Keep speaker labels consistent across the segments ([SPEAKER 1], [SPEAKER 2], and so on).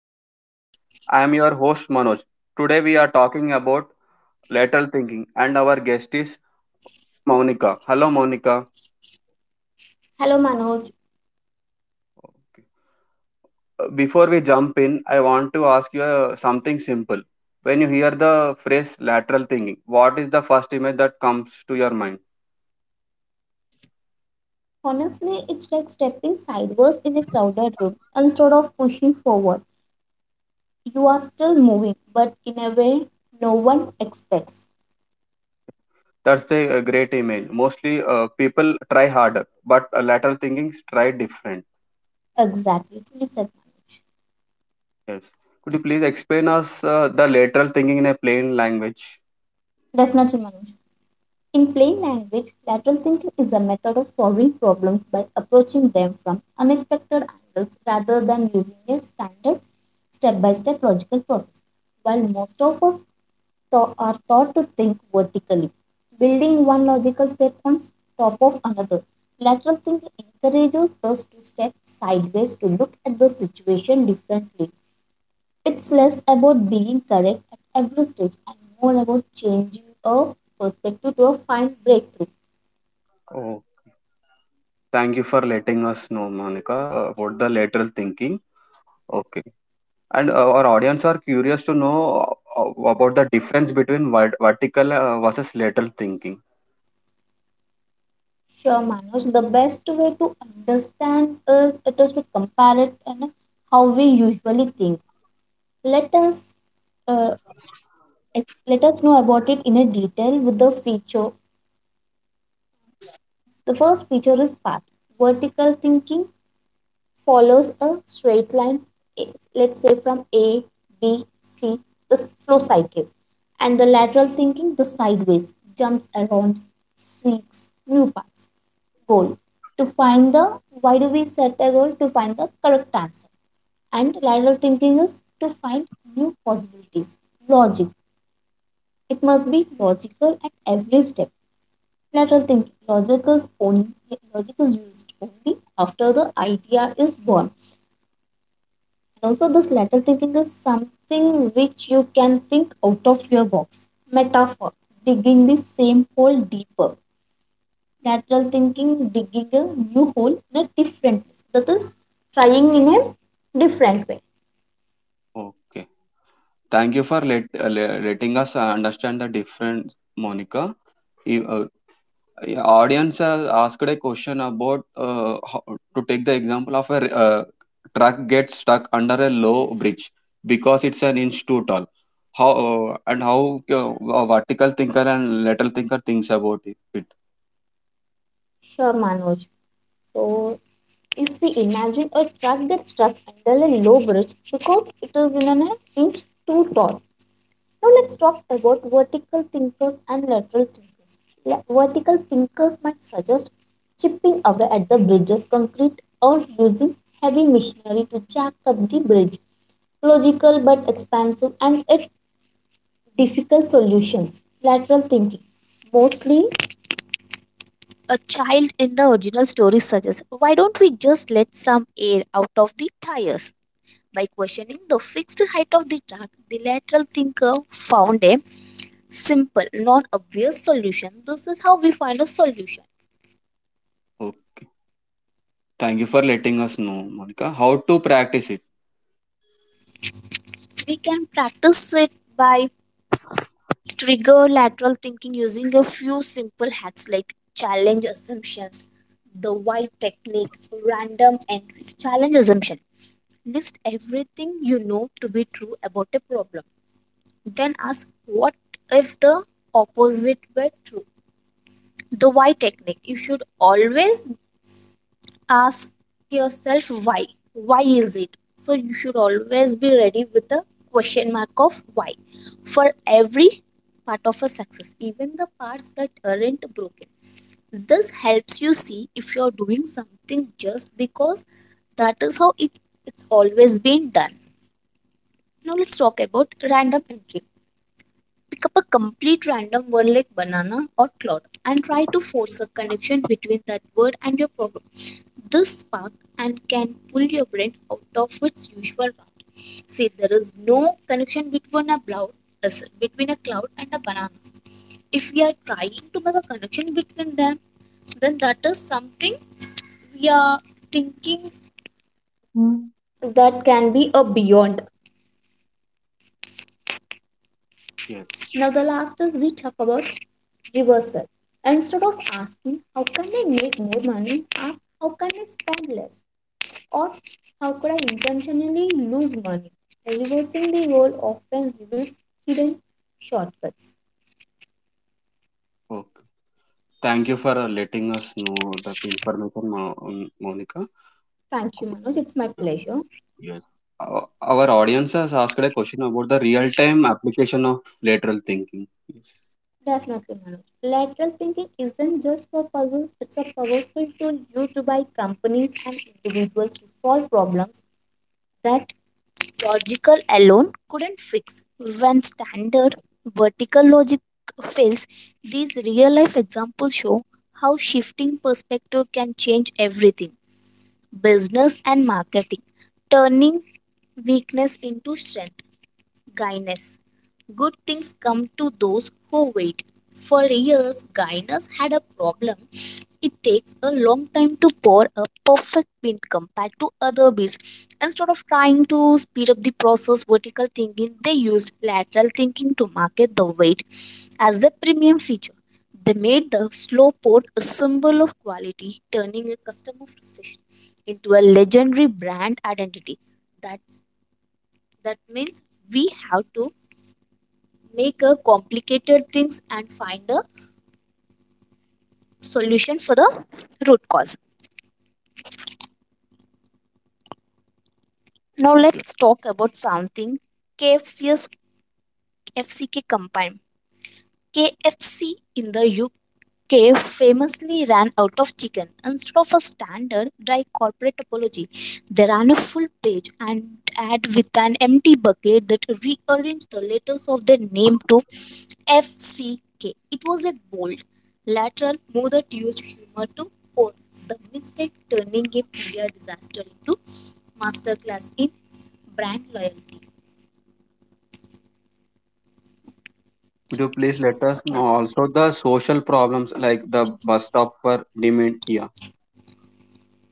[SPEAKER 1] to the podcast. I am your host, Manoj. Today, we are talking about lateral thinking, and our guest is Monica. Hello, Monica.
[SPEAKER 2] Hello Manoj.
[SPEAKER 1] Before we jump in, I want to ask you something simple. When you hear the phrase lateral thinking, what is the first image that comes to your mind?
[SPEAKER 2] Honestly, it's like stepping sideways in a crowded room. Instead of pushing forward, you are still moving, but in a way no one expects.
[SPEAKER 1] That's a great image. Mostly people try harder, but lateral thinking is try different.
[SPEAKER 2] Exactly, truly said Manoj.
[SPEAKER 1] Yes. Could you please explain us the lateral thinking in a plain language?
[SPEAKER 2] Definitely, Manoj. In plain language, lateral thinking is a method of solving problems by approaching them from unexpected angles rather than using a standard step by step logical process. While most of us are taught to think vertically, building one logical step on top of another. Lateral thinking encourages us to step sideways to look at the situation differently. It's less about being correct at every stage and more about changing a perspective to a fine breakthrough.
[SPEAKER 1] Thank you for letting us know, Monica, about the lateral thinking. Okay. And our audience are curious to know about the difference between vertical versus lateral thinking.
[SPEAKER 2] Sure, Manoj, the best way to understand is it is to compare it and how we usually think. Let us uh, let us know about it in a detail with the feature. The first feature is path. Vertical thinking follows a straight line, eh, let's say from A, B, C, the flow cycle. And the lateral thinking, the sideways, jumps around, seeks new paths. Goal to find the why do we set a goal to find the correct answer. And lateral thinking is to find new possibilities. Logic. It must be logical at every step lateral thinking. Logic is used only after the idea is born. And also this lateral thinking is something which you can think out of your box. Metaphor digging the same hole deeper. Lateral thinking digging a new hole in a different place. That is trying in a different way.
[SPEAKER 1] Okay. Thank you for letting us understand the difference, Monica. E- uh, Yeah, audience has asked a question about to take the example of a uh, truck gets stuck under a low bridge because it's an inch too tall. How a vertical thinker and lateral thinker thinks about it.
[SPEAKER 2] Sure Manoj. So if we imagine a truck that's stuck under a low bridge because it is in an inch too tall, now let's talk about vertical thinkers and lateral thinkers. Vertical thinkers might suggest chipping away at the bridge's concrete or using heavy machinery to jack up the bridge. Logical but expansive and yet difficult solutions. Lateral thinking. Mostly a child in the original story suggests why don't we just let some air out of the tires? By questioning the fixed height of the track, the lateral thinker found a simple, non obvious solution. This is how we find a solution.
[SPEAKER 1] Oh, thank you for letting us know, Monica. How to practice it?
[SPEAKER 2] We can practice it by trigger lateral thinking using a few simple hacks like challenge assumptions, the why technique, random and challenge assumption. List everything you know to be true about a problem. Then ask what if the opposite were true. The why technique. You should always ask yourself why. Why is it? So you should always be ready with a question mark of why for every part of a success, even the parts that aren't broken. This helps you see if you're doing something just because that is how it's always been done. Now let's talk about random entry. Pick up a complete random word like banana or cloud and try to force a connection between that word and your problem. This spark and can pull your brain out of its usual rut. See, there is no connection between a cloud and a banana. If we are trying to make a connection between them, then that is something we are thinking
[SPEAKER 1] Mm.
[SPEAKER 2] that can be a beyond.
[SPEAKER 1] Yes.
[SPEAKER 2] Now, the last is we talk about reversal. Instead of asking how can I make more money, ask how can I spend less, or how could I intentionally lose money? Reversing the goal often reveals hidden shortcuts.
[SPEAKER 1] Okay. Thank you for letting us know that information, Monica.
[SPEAKER 2] Thank you, Manoj. It's my pleasure.
[SPEAKER 1] Yes. Our audience has asked a question about the real-time application of lateral thinking. Yes.
[SPEAKER 2] Definitely, Manoj. Lateral thinking isn't just for puzzles, it's a powerful tool used by companies and individuals to solve problems that logical alone couldn't fix. When standard vertical logic fails, these real life examples show how shifting perspective can change everything. Business and marketing, turning weakness into strength. Gaines. Good things come to those who wait. For years, Gaines had a problem. It takes a long time to pour a perfect bean compared to other beans. Instead of trying to speed up the process, vertical thinking, they used lateral thinking to market the weight as a premium feature. They made the slow pour a symbol of quality, turning a customer frustration into a legendary brand identity. That's that means we have to make a complicated things and find a solution for the root cause. Now let's talk about something KFC's FCK combined. KFC in the UK famously ran out of chicken. Instead of a standard dry corporate apology, they ran a full page and ad with an empty bucket that rearranged the letters of their name to FCK. It was a bold, lateral move that used humor to own the mistake, turning a prior disaster into masterclass in brand loyalty.
[SPEAKER 1] Could you please let us know also the social problems like the bus stop for dementia?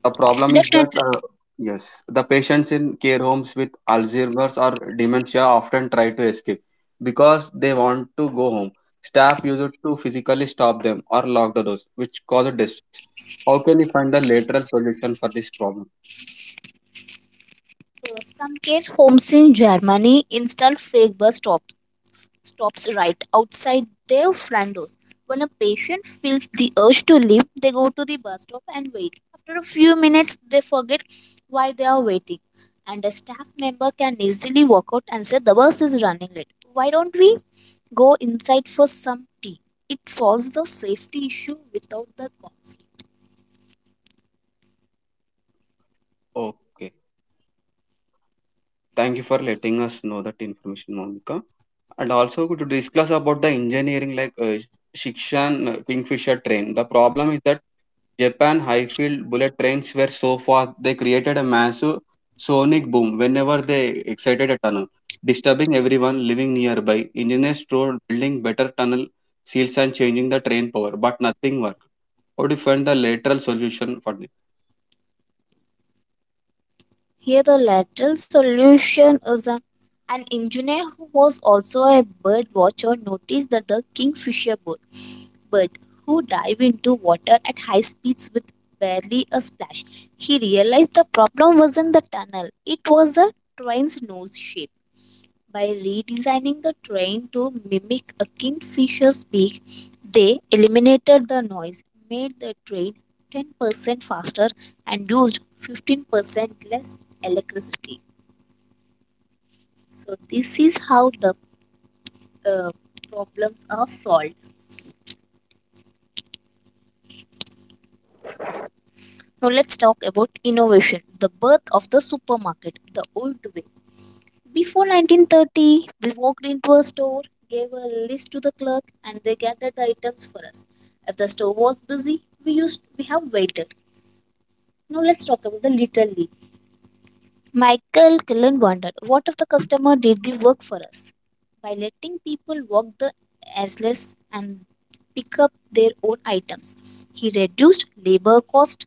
[SPEAKER 1] The problem is that
[SPEAKER 2] Definitely.
[SPEAKER 1] uh, yes, the patients in care homes with Alzheimer's or dementia often try to escape because they want to go home. Staff used to physically stop them or lock the doors, which causes distress. How can we find a lateral solution for this problem?
[SPEAKER 2] Some case homes in Germany installed fake bus stops. Stops right outside their front door. When a patient feels the urge to leave, they go to the bus stop and wait. After a few minutes, they forget why they are waiting, and a staff member can easily walk out and say, the bus is running late. Why don't we go inside for some tea? It solves the safety issue without the cost.
[SPEAKER 1] Okay. Thank you for letting us know that information, Monica. And also to discuss about the engineering like Shikshan Kingfisher train. The problem is that Japan high-field bullet trains were so fast they created a massive sonic boom whenever they exited a tunnel, disturbing everyone living nearby. Engineers tried building better tunnel seals and changing the train power, but nothing worked. How to find the lateral solution for this?
[SPEAKER 2] Here, the lateral solution is an engineer who was also a bird watcher noticed that the kingfisher bird who dive into water at high speeds with barely a splash. He realized the problem wasn't the tunnel, it was the train's nose shape. By redesigning the train to mimic a kingfisher's beak, they eliminated the noise, made the train 10% faster, and used 15% less electricity. So, this is how the uh, problems are solved. Now let's talk about innovation, the birth of the supermarket, the old way. Before 1930, we walked into a store, gave a list to the clerk, and they gathered the items for us. If the store was busy, we used we have waited. Now let's talk about the little league. Michael Killen wondered, what if the customer did the work for us? By letting people walk the aisles and pick up their own items, he reduced labor cost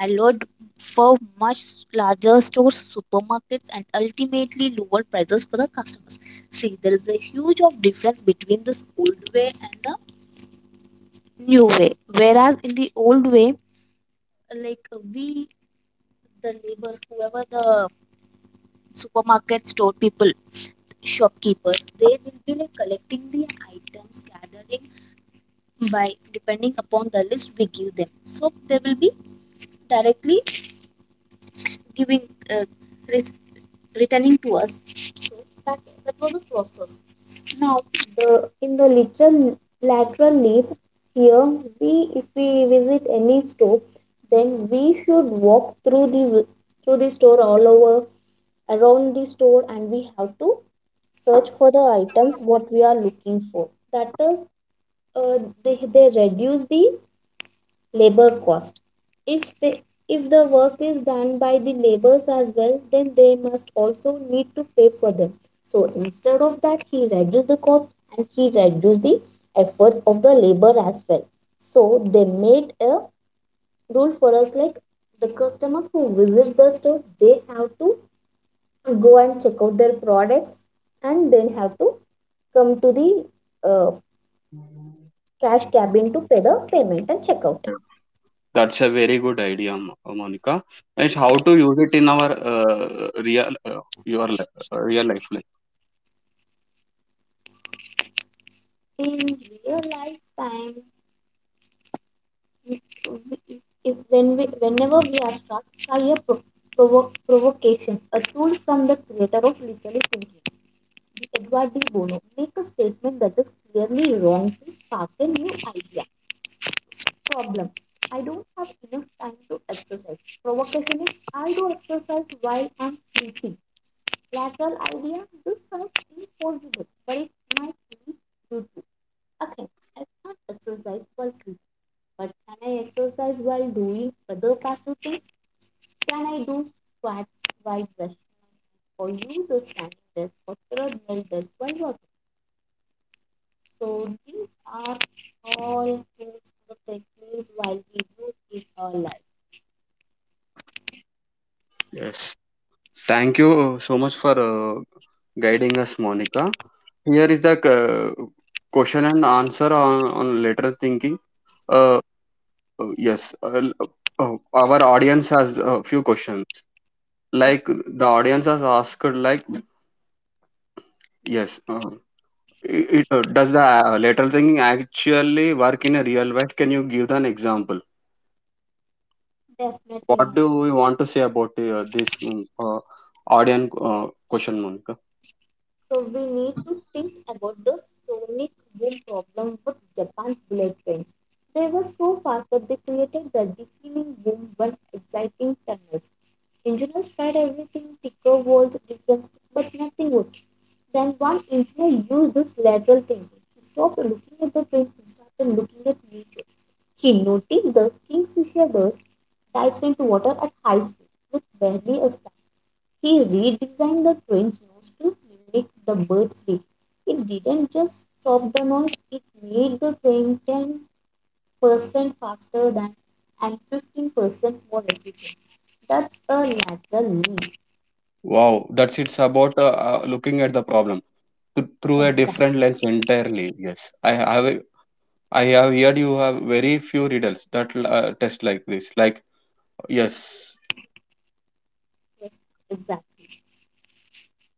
[SPEAKER 2] I allowed for much larger stores, supermarkets, and ultimately lower prices for the customers. See, there is a huge of difference between this old way and the new way. Whereas in the old way, like the neighbors, whoever the supermarket store people, shopkeepers, they will be like collecting the items, gathering by depending upon the list we give them. So they will be directly giving uh, res- returning to us so that, that was a process now the lateral leap here we if we visit any store then we should walk through the store all over around the store and we have to search for the items what we are looking for that is uh, they reduce the labor cost if they if the work is done by the laborers as well then they must also need to pay for them so instead of that he reduced the cost and he reduced the efforts of the labor as well so they made a rule for us like the customer who visits the store they have to go and check out their products and then have to come to the uh, cash cabin to pay the payment and check out
[SPEAKER 1] That's a very good idea, Monica. It's how to use it in our real real life. Like,
[SPEAKER 2] in real life time if if when whenever we are struck by a provocation, a tool from the creator of literary thinking, the Edward D. Bono, make a statement that is clearly wrong to spark a new idea. Problem. I don't have enough time to exercise. Provocation is I do exercise while I'm sleeping. Lateral idea, this sounds impossible, but it might be you to. Okay, I can't exercise while sleeping. But can I exercise while doing other passive things? Can I do squats while brushing or use a standing desk or treadmill desk while working? So these are all tools or techniques while we use in our life.
[SPEAKER 1] yes, thank you so much for guiding us, Monica. Here is the question and answer on lateral thinking. Uh, uh, yes, uh, l- our audience has a few questions.
[SPEAKER 2] So
[SPEAKER 1] Like the audience has asked, like yes, does the lateral thinking actually work in a real life? Can you give an example?
[SPEAKER 2] definitely,
[SPEAKER 1] What
[SPEAKER 2] my.
[SPEAKER 1] do we want to say about this audience question, Monica?
[SPEAKER 2] So we need to think about the sonic boom problem with Japan's bullet trains. They were so fast that they created the deafening boom when exciting tunnels. Engineers tried everything, ticker walls, defense, but nothing worked. Then one engineer used this lateral thinking. He stopped looking at the train and started looking at nature. He noticed the kingfisher bird dives into water at high speed with barely a splash. He redesigned the train's nose to mimic the bird's beak. It didn't just stop the noise, it made the train 10% faster than and 15% more efficient. That's a lateral leap.
[SPEAKER 1] Wow, that's it's about looking at the problem through a
[SPEAKER 2] Exactly.
[SPEAKER 1] different lens entirely. Yes, I have heard you have very few riddles that test like this. Like yes,
[SPEAKER 2] Exactly.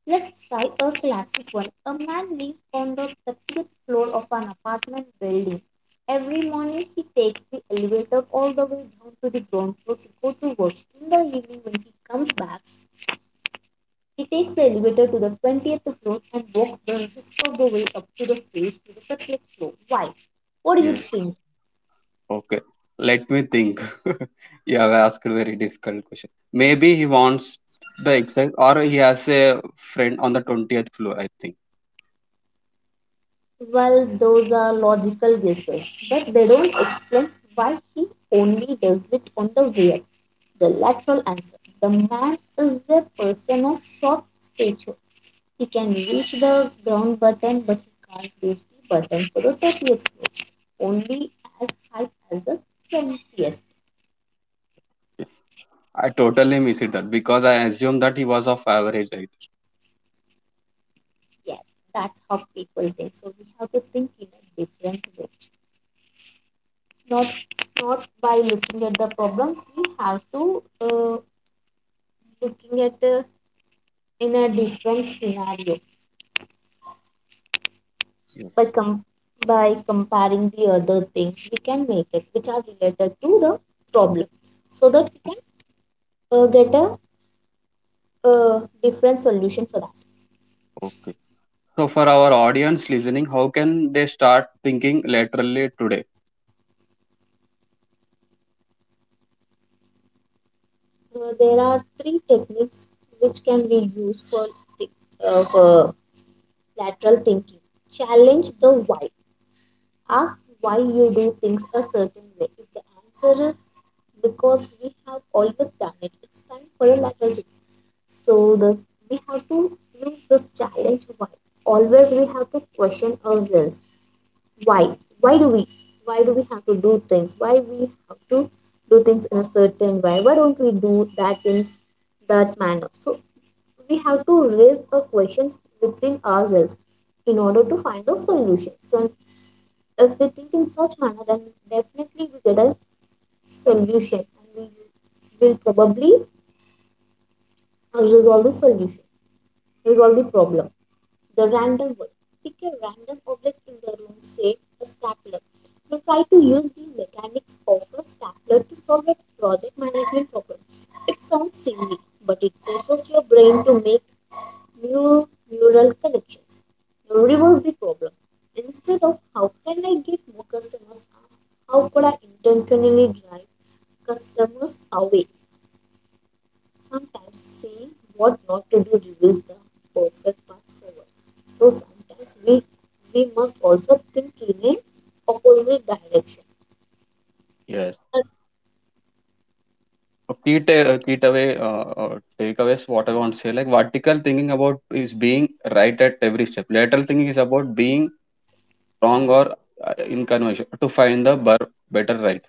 [SPEAKER 2] Let's try a classic one. A man lives on the 30th floor of an apartment building. Every morning he takes the elevator all the way down to the ground floor to go to work. In the evening when he comes back, he takes the elevator to the 20th floor and walks the rest of the way up to the stage to the 30th floor. Why? What do you
[SPEAKER 1] yes,
[SPEAKER 2] think?
[SPEAKER 1] okay. Let me think. You have asked a very difficult question. Maybe he wants the exercise, or he has a friend on the 20th floor, I think.
[SPEAKER 2] Well, those are logical guesses, but they don't explain why he only does it on the way up. The lateral answer. The man is a person of short stature. He can reach the ground button, but he can't reach the button for the 30th floor, only as high as the 20th.
[SPEAKER 1] I totally missed that because I assumed that he was of average height.
[SPEAKER 2] Yes, that's how people think. So we have to think in a different way. Not not by looking at the problem. We have to looking at in a different scenario
[SPEAKER 1] Yeah,
[SPEAKER 2] by by comparing the other things we can make it which are related to the problem, so that we can get a different solution for that.
[SPEAKER 1] okay. So for our audience listening, how can they start thinking laterally today?
[SPEAKER 2] There are three techniques which can be used for thi- for lateral thinking. Challenge the why. Ask why you do things a certain way. If the answer is because we have always done it, it's time for a lateral thinking. So the we have to use this challenge why. Always we have to question ourselves. Why? Why do we why do we have to do things? Why we have to do things in a certain way? Why don't we do that in that manner? So we have to raise a question within ourselves in order to find a solution. So if we think in such manner, then definitely we get a solution and we will probably resolve resolve the problem. The random word. Pick a random object in the room, say a stapler. Now try to use the mechanics of a stapler to solve a project management problem. It sounds silly, but it forces your brain to make new neural connections. Now reverse the problem. Instead of how can I get more customers, ask how could I intentionally drive customers away? Sometimes seeing what not to do reveals the perfect path forward. So sometimes we must also think in an opposite direction.
[SPEAKER 1] Yes. A a key takeaway takeaways. What I want to say like vertical thinking about is being right at every step, lateral thinking is about being wrong or inconvenient to find the better right.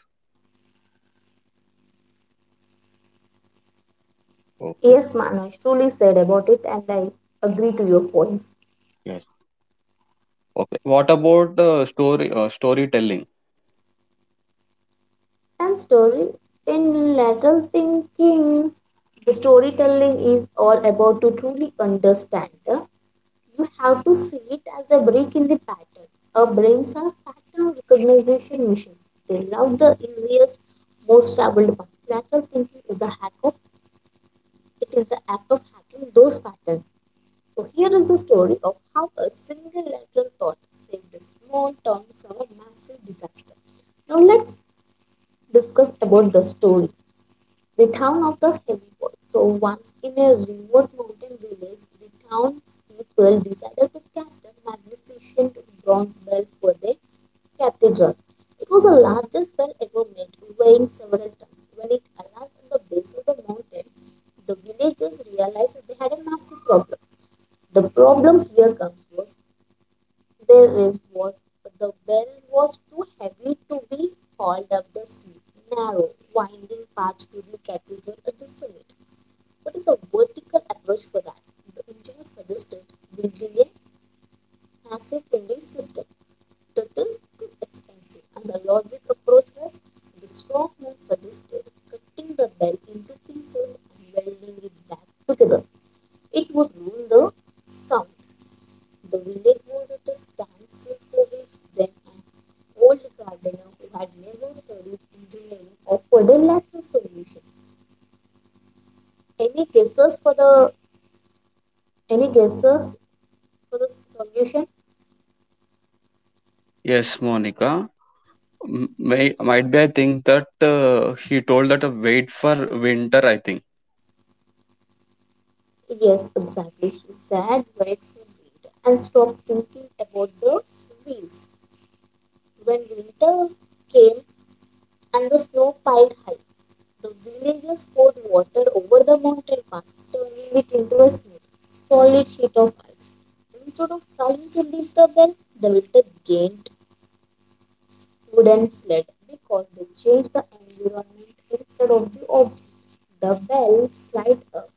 [SPEAKER 1] Okay.
[SPEAKER 2] Yes, Manoj truly said about it, and I agree to your points.
[SPEAKER 1] Yes. Okay. What about storytelling?
[SPEAKER 2] And story in lateral thinking, the storytelling is all about to truly understand. You have to see it as a break in the pattern. Our brains are pattern recognition machines. They love the easiest, most troubled one. Lateral thinking is a hack of it. Is the act of hacking those patterns. So here is the story of how a single lateral thought saved a small town from a massive disaster. Now let's discuss about the story. The town of the heavy wall. So once in a remote mountain village, the town people decided to cast a magnificent bronze bell for their cathedral. It was the largest bell ever made, weighing several tons. When it arrived at the base of the mountain, the villagers realized that they had a massive problem. The problem here comes was the race was the bell was too heavy to be hauled up the steep, narrow, winding path to the cathedral at the summit. What is the vertical approach for that? The engineer suggested building a massive English system. That is too expensive, and the logic approach was the strongman suggested cutting the bell into pieces and welding it back together. It would ruin the sound. The village was at a standstill for weeks when an old gardener who had never studied engineering offered a lateral solution. Any guesses for the any guesses for the solution?
[SPEAKER 1] Yes, Monica. May, might be. I think that he told that wait for winter, I think.
[SPEAKER 2] Yes, exactly. He sat wait for winter and stopped thinking about the wheels. When winter came, and the snow piled high. The villagers poured water over the mountain path, turning it into a smooth, solid sheet of ice. Instead of trying to reach the well, the winter gained wooden sled because they changed the environment instead of the object. The well slid up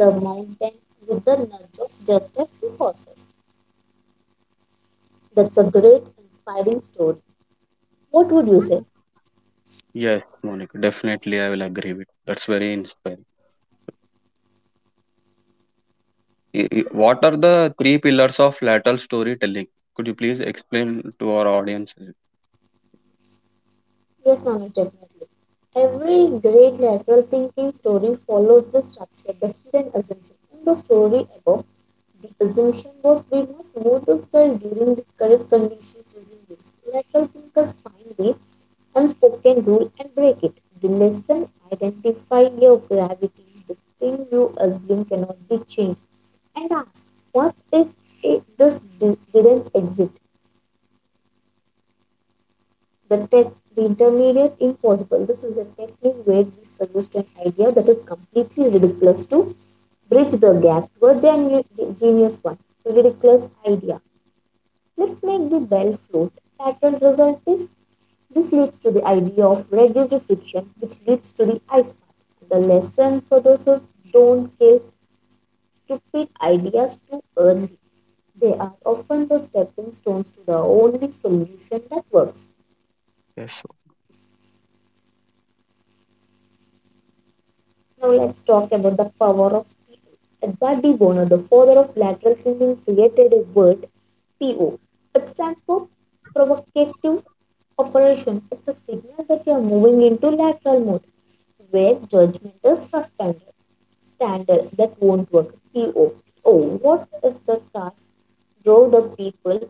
[SPEAKER 2] the mountain with the nudge of just a few horses. That's a great, inspiring story. What would you say?
[SPEAKER 1] Mhm. Yes, Monica, definitely I will agree with that's very inspiring. What are the three pillars of lateral storytelling? Could you please explain to our audience?
[SPEAKER 2] Yes, Manoj, definitely. Every great lateral thinking story follows the structure, the hidden assumption. In the story above, the assumption was we must move to square during the correct conditions using rules. Lateral thinkers find the unspoken rule and break it. The lesson, identify your gravity, the thing you assume cannot be changed, and ask, what if didn't exist? the tech the intermediate impossible. This is a technique where we suggest an idea that is completely ridiculous to bridge the gap to a genius one. Ridiculous idea, let's make the bell float. Pattern result is this leads to the idea of reduced friction, which leads to the ice path. The lesson for this is don't kill stupid ideas too early. They are often the stepping stones to the only solution that works.
[SPEAKER 1] Yes,
[SPEAKER 2] Now let's talk about the power of people. Edward de Bono, the father of lateral thinking, created a word, PO. It stands for provocative operation. It's a signal that you are moving into lateral mode where judgment is suspended. Standard that won't work. PO. Oh, what if the cars drove the people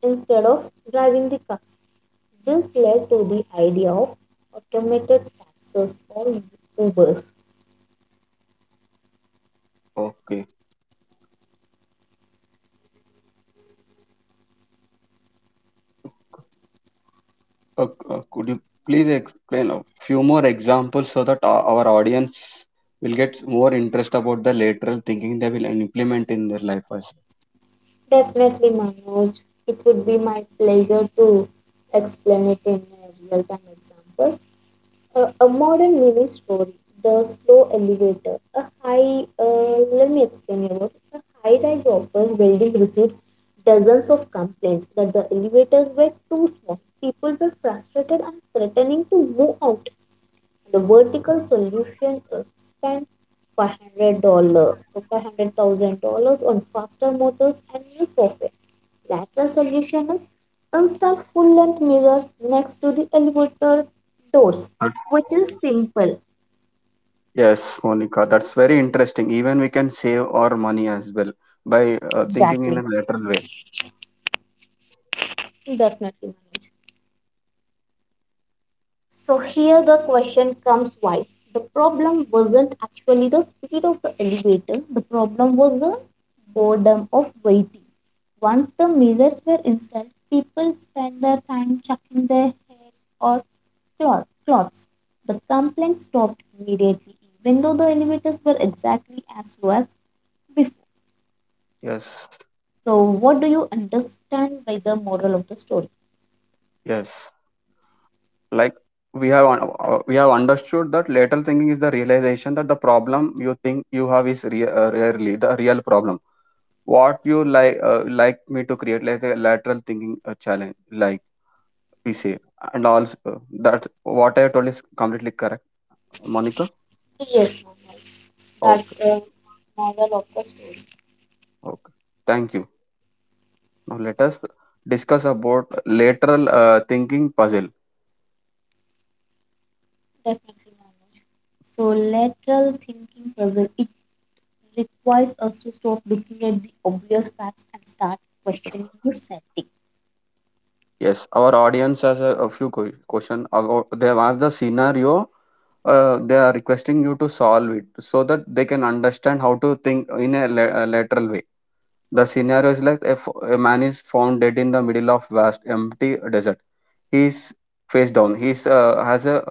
[SPEAKER 2] instead of driving the cars? This led to the idea of automated taxis or Ubers.
[SPEAKER 1] okay. Uh, could you please explain a few more examples so that our audience will get more interest about the lateral thinking they will implement in their life also?
[SPEAKER 2] Definitely, Manoj. It would be my pleasure to explain it in real-time examples. A modern mini story, the slow elevator, a high. Let me explain you about it. A high-rise office building received dozens of complaints that the elevators were too small. People were frustrated and threatening to move out. The vertical solution spent $500 or $500,000 on faster motors and new software. Lateral solution is install full length mirrors next to the elevator doors, which is simple.
[SPEAKER 1] Yes, Monica, that's very interesting. Even we can save our money as well by thinking in
[SPEAKER 2] Exactly.
[SPEAKER 1] a lateral way.
[SPEAKER 2] Definitely. Manoj. So here the question comes why. The problem wasn't actually the speed of the elevator. The problem was the boredom of waiting. Once the mirrors were installed, people spent their time checking their hair or cloths. The complaint stopped immediately, even though the elevators were exactly as slow as before.
[SPEAKER 1] Yes,
[SPEAKER 2] So, what do you understand by the moral of the story?
[SPEAKER 1] yes. Like we have we have understood that lateral thinking is the realization that the problem you think you have is rarely the real problem. What you like me to create like a lateral thinking challenge, like we say, and also that what I told is completely correct, Monica.
[SPEAKER 2] Yes, Manoj, that's
[SPEAKER 1] Okay,
[SPEAKER 2] the moral of the story.
[SPEAKER 1] okay. Thank you. Now let us discuss about lateral thinking puzzle.
[SPEAKER 2] Definitely, Manoj. So, lateral thinking puzzle it requires us to stop looking at the obvious facts and start questioning the setting.
[SPEAKER 1] Yes, our audience has a few question about they have asked the scenario. They are requesting you to solve it so that they can understand how to think in a lateral way. The scenario is like, if a man is found dead in the middle of vast empty desert. He's face down. He's has a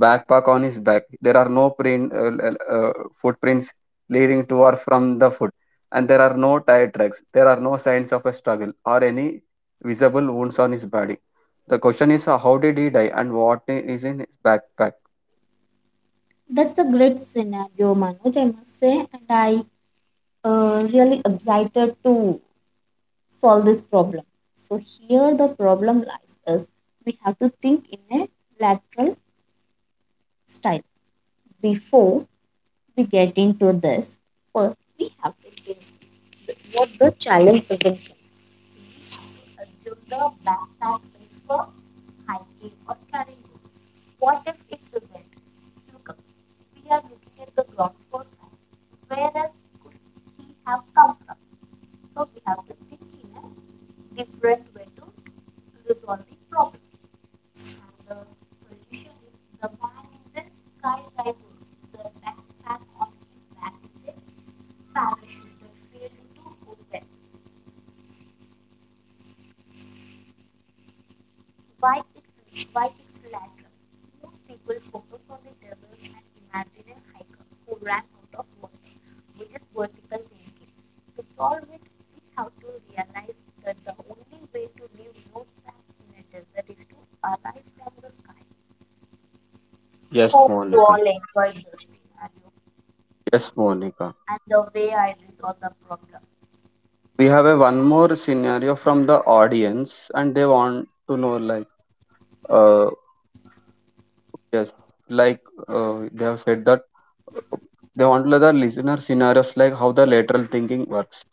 [SPEAKER 1] backpack on his back. There are no print uh, footprints leading to or from the foot, and there are no tire tracks. There are no signs of a struggle or any visible wounds on his body. The question is, how did he die, and what is in his backpack?
[SPEAKER 2] That's a great scenario, Manoj. I must say, and I really excited to solve this problem. So here the problem lies is we have to think in a lateral style. Before we get into this, first we have to think what the challenge assumption is. We have to assume the backpack is for hiking or carrying. What if it isn't? Look, we are looking at the ground for time. Where else could he have come from? So we have to think in a different.
[SPEAKER 1] Yes, Monica. Yes, Monica. We have a one more scenario from the audience, and they want to know, like, uh, yes, like they have said that they want to let the listener scenarios like how the lateral thinking works.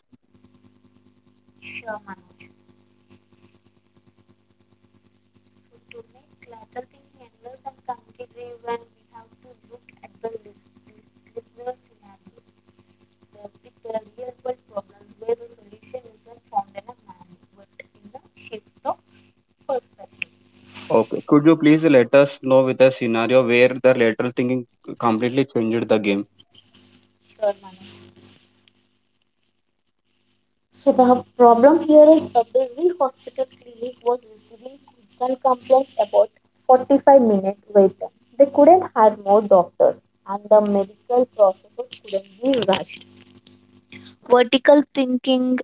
[SPEAKER 1] Okay. Could you please let us know with a scenario where the lateral thinking completely changed the game?
[SPEAKER 2] Sure, Manu. So the problem here is the busy hospital clinic was receiving constant complaints about 45-minute wait time. They couldn't hire more doctors and the medical processes couldn't be rushed. Vertical thinking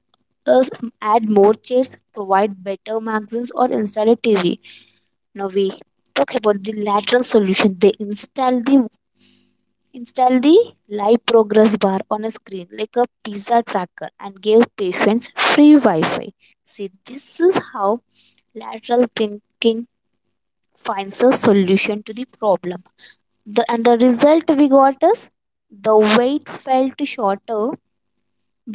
[SPEAKER 2] is add more chairs, provide better magazines or install a TV. Now we talk about the lateral solution. They install the Install the live progress bar on a screen like a pizza tracker and give patients free Wi Fi. See, this is how lateral thinking finds a solution to the problem. And the result we got is the wait felt shorter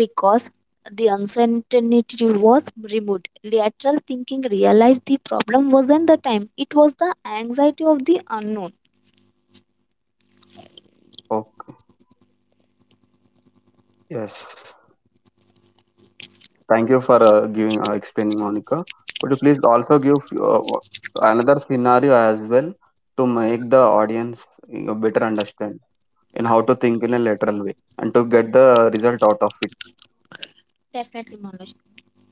[SPEAKER 2] because the uncertainty was removed. Lateral thinking realized the problem wasn't the time, it was the anxiety of the unknown.
[SPEAKER 1] Okay. Yes. Thank you for giving explaining, Monica. Could you please also give uh, another scenario as well to make the audience better understand in how to think in a lateral way and to get the result out of it.
[SPEAKER 2] Definitely, Manoj,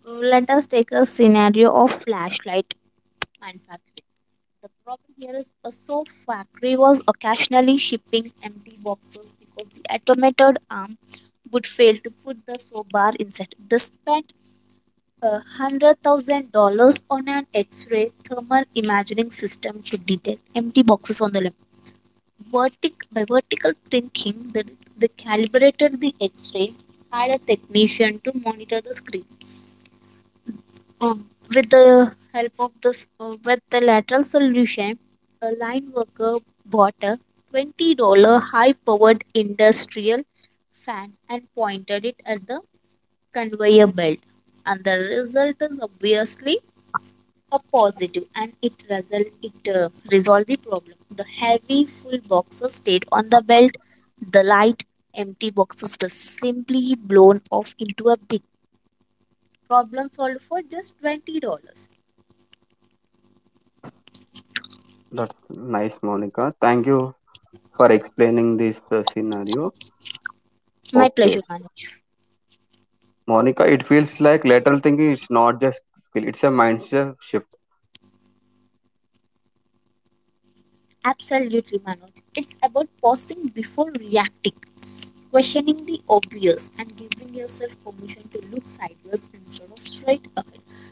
[SPEAKER 2] let us take a scenario of flashlight and factory. The problem here is a soap factory was occasionally shipping empty boxes because the automated arm would fail to put the soap bar inside. They spent $100,000 on an X ray thermal imaging system to detect empty boxes on the left. By vertical thinking, they calibrated the X ray conveyor belt. The light empty boxes were simply blown off into a bin. Problem solved for just $20.
[SPEAKER 1] That's nice, Monica. Thank you for explaining this scenario.
[SPEAKER 2] My
[SPEAKER 1] Okay.
[SPEAKER 2] pleasure, Manoj.
[SPEAKER 1] Monica, it feels like lateral thinking is not just skill, it's a mindset shift.
[SPEAKER 2] Absolutely, Manoj. It's about pausing before reacting, questioning the obvious, and giving yourself permission to look sideways instead of straight up.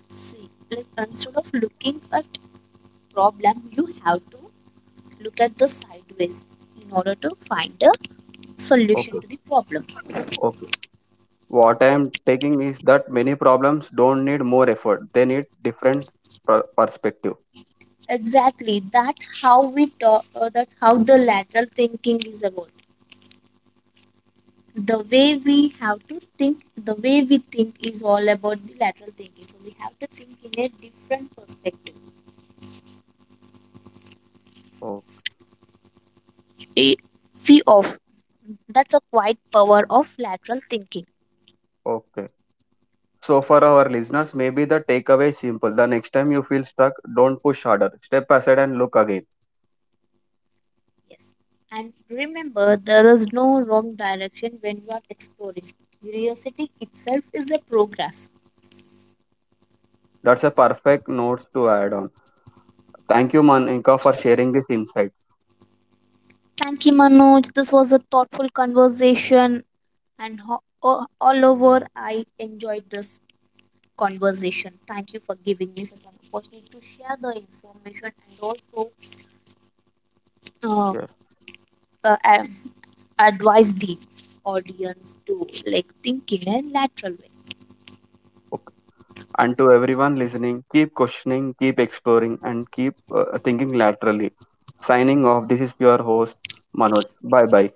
[SPEAKER 2] See, like instead of looking at problem, you have to look at the sideways in order to find a solution
[SPEAKER 1] Okay,
[SPEAKER 2] to the problem.
[SPEAKER 1] okay. What I am taking is that many problems don't need more effort, they need different perspective.
[SPEAKER 2] Exactly. That's how we talk. That's how the lateral thinking is about. the way we have to think the way we think is all about the lateral thinking, so we have to think in a different perspective.
[SPEAKER 1] Oh,
[SPEAKER 2] A fee of that's a quite power of lateral thinking.
[SPEAKER 1] okay. So, for our listeners, maybe the takeaway is simple. The next time you feel stuck, don't push harder. Step aside and look again.
[SPEAKER 2] Yes, and remember there is no wrong direction when you are exploring. Curiosity itself is a progress.
[SPEAKER 1] That's a perfect note to add on. Thank you, Monica, for sharing this insight.
[SPEAKER 2] Thank you, Manoj. This was a thoughtful conversation, and all over I enjoyed this conversation. Thank you for giving me such an opportunity to share the information and also uh,
[SPEAKER 1] Yes.
[SPEAKER 2] uh, ad- advise the audience to like think in a lateral way.
[SPEAKER 1] And to everyone listening, keep questioning, keep exploring, and keep thinking laterally. Signing off, this is your host, Manoj. Bye bye.